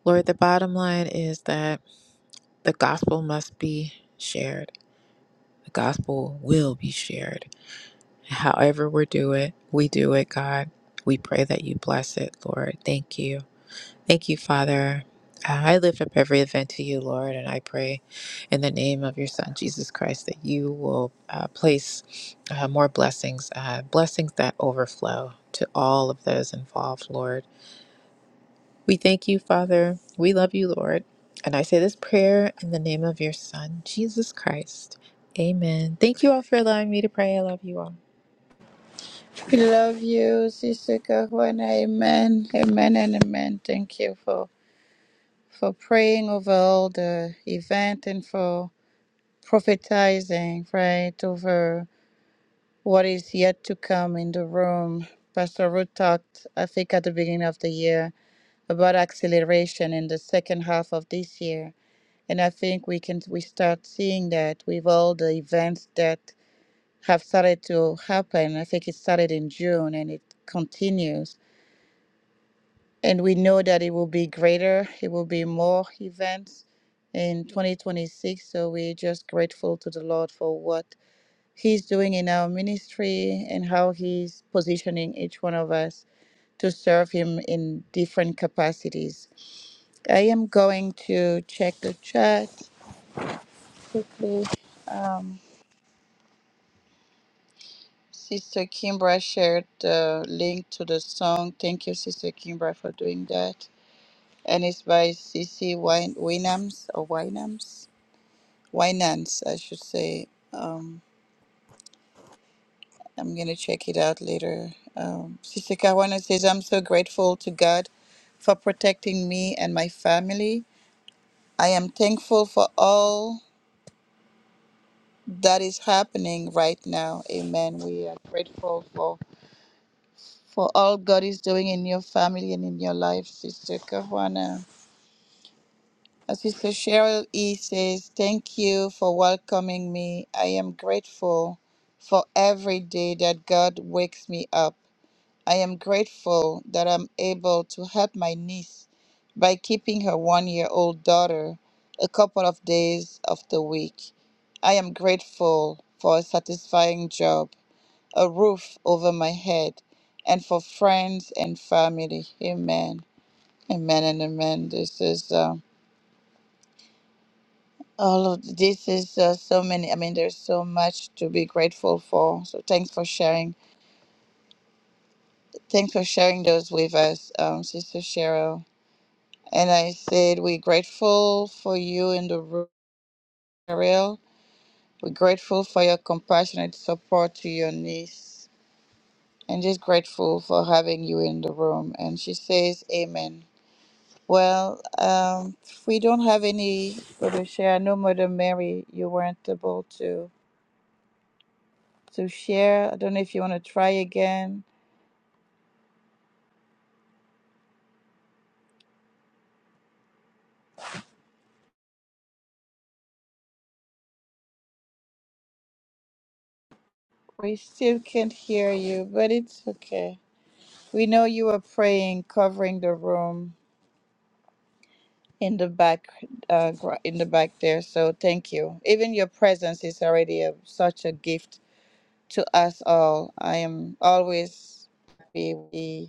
Speaker 3: Lord, the bottom line is that. The gospel must be shared. The gospel will be shared. However we do it, we do it, God. We pray that you bless it, Lord. Thank you. Thank you, Father. Uh, I lift up every event to you, Lord, and I pray in the name of your Son, Jesus Christ, that you will uh, place uh, more blessings, uh, blessings that overflow to all of those involved, Lord. We thank you, Father. We love you, Lord. And I say this prayer in the name of your Son, Jesus Christ. Amen. Thank you all for allowing me to pray. I love you all.
Speaker 1: We love you, Sister Kahwana. Amen. Amen and amen. Thank you for for praying over all the event and for prophetizing, right, over what is yet to come in the room. Pastor Ruth talked, I think, at the beginning of the year about acceleration in the second half of this year. And I think we can we start seeing that with all the events that have started to happen. I think it started in June and it continues. And we know that it will be greater, it will be more events in 2026. So we're just grateful to the Lord for what He's doing in our ministry and how He's positioning each one of us to serve Him in different capacities. I am going to check the chat. Um, Sister Kimbra shared the link to the song. Thank you, Sister Kimbra, for doing that. and it's by C. C Wyn- Winans or Winans, Winans, I should say. Um, I'm gonna check it out later. Um, C.C. Kawana says, "I'm so grateful to God for protecting me and my family. I am thankful for all that is happening right now. Amen. We are grateful for for all God is doing in your family and in your life, Sister Kawana. As Sister Cheryl E says, Thank you for welcoming me. I am grateful for every day that God wakes me up. I am grateful that I'm able to help my niece by keeping her one year old daughter a couple of days of the week. I am grateful for a satisfying job, a roof over my head, and for friends and family. Amen. Amen and amen. This is. Um, All of this is uh, so many. I mean, there's so much to be grateful for. So thanks for sharing. Thanks for sharing those with us, um, Sister Cheryl. And I said we're grateful for you in the room, Ariel. We're grateful for your compassionate support to your niece, and just grateful for having you in the room. And she says, "Amen." Well, um, we don't have any to share. No, Mother Mary, you weren't able to. to share. I don't know if you want to try again. We still can't hear you, but it's okay. We know you were praying, covering the room in the back, uh, gr- in the back there. So thank you. Even your presence is already a, such a gift to us all. I am always happy with the-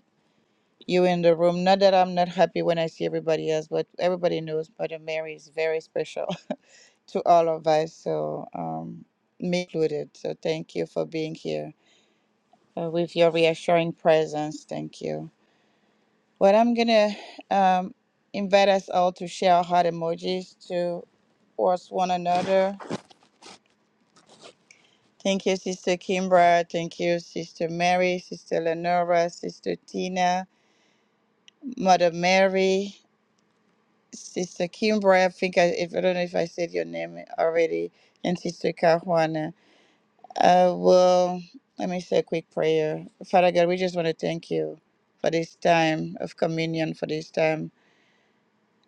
Speaker 1: you in the room. Not that I'm not happy when I see everybody else, but everybody knows Mother Mary is very special to all of us. So um, me included. So thank you for being here. uh, with your reassuring presence. Thank you. Well, I'm going to um, invite us all to share our heart emojis to us one another. Thank you, Sister Kimbra. Thank you, Sister Mary, Sister Lenora, Sister Tina, Mother Mary, Sister Kimbra. I think I, if, I don't know if I said your name already, and Sister Cajuana. Uh, well, let me say a quick prayer. Father God, we just want to thank you for this time of communion, for this time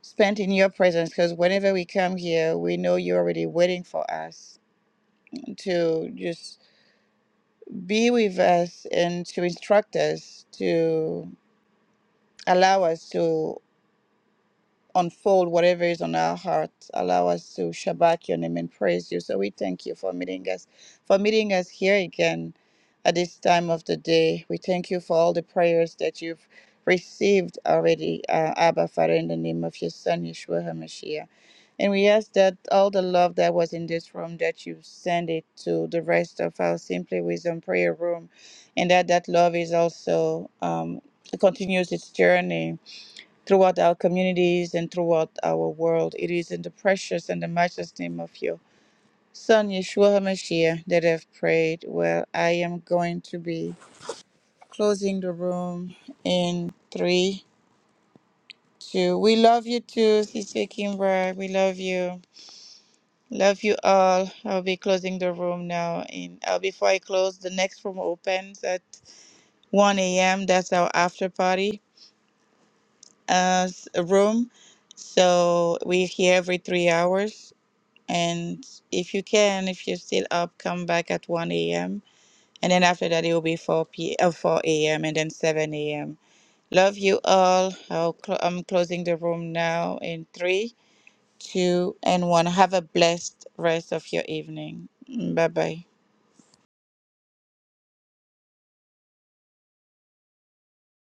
Speaker 1: spent in your presence because whenever we come here, we know you're already waiting for us to just be with us and to instruct us, to allow us to. unfold whatever is on our heart. Allow us to Shabbat your name and praise you. So we thank you for meeting us, for meeting us here again at this time of the day. We thank you for all the prayers that you've received already, uh, Abba Father, in the name of your Son, Yeshua HaMashiach. And we ask that all the love that was in this room, that you send it to the rest of our Simply Wisdom prayer room, and that that love is also um, continues its journey throughout our communities and throughout our world. It is in the precious and the matchless name of your Son Yeshua HaMashiach that I've prayed. Well, I am going to be closing the room in three, two. We love you too, Sister Kimbra. We love you. Love you all. I'll be closing the room now. And uh, before I close, the next room opens at 1 a.m. That's our after party uh, s- room. So we're here every three hours And if you can, if you're still up, come back at 1 a.m. And then after that, it will be 4 p. Uh, 4 a.m. and then 7 a.m. Love you all. I'll cl- I'm closing the room now in three, two, and one. Have a blessed rest of your evening. Bye bye.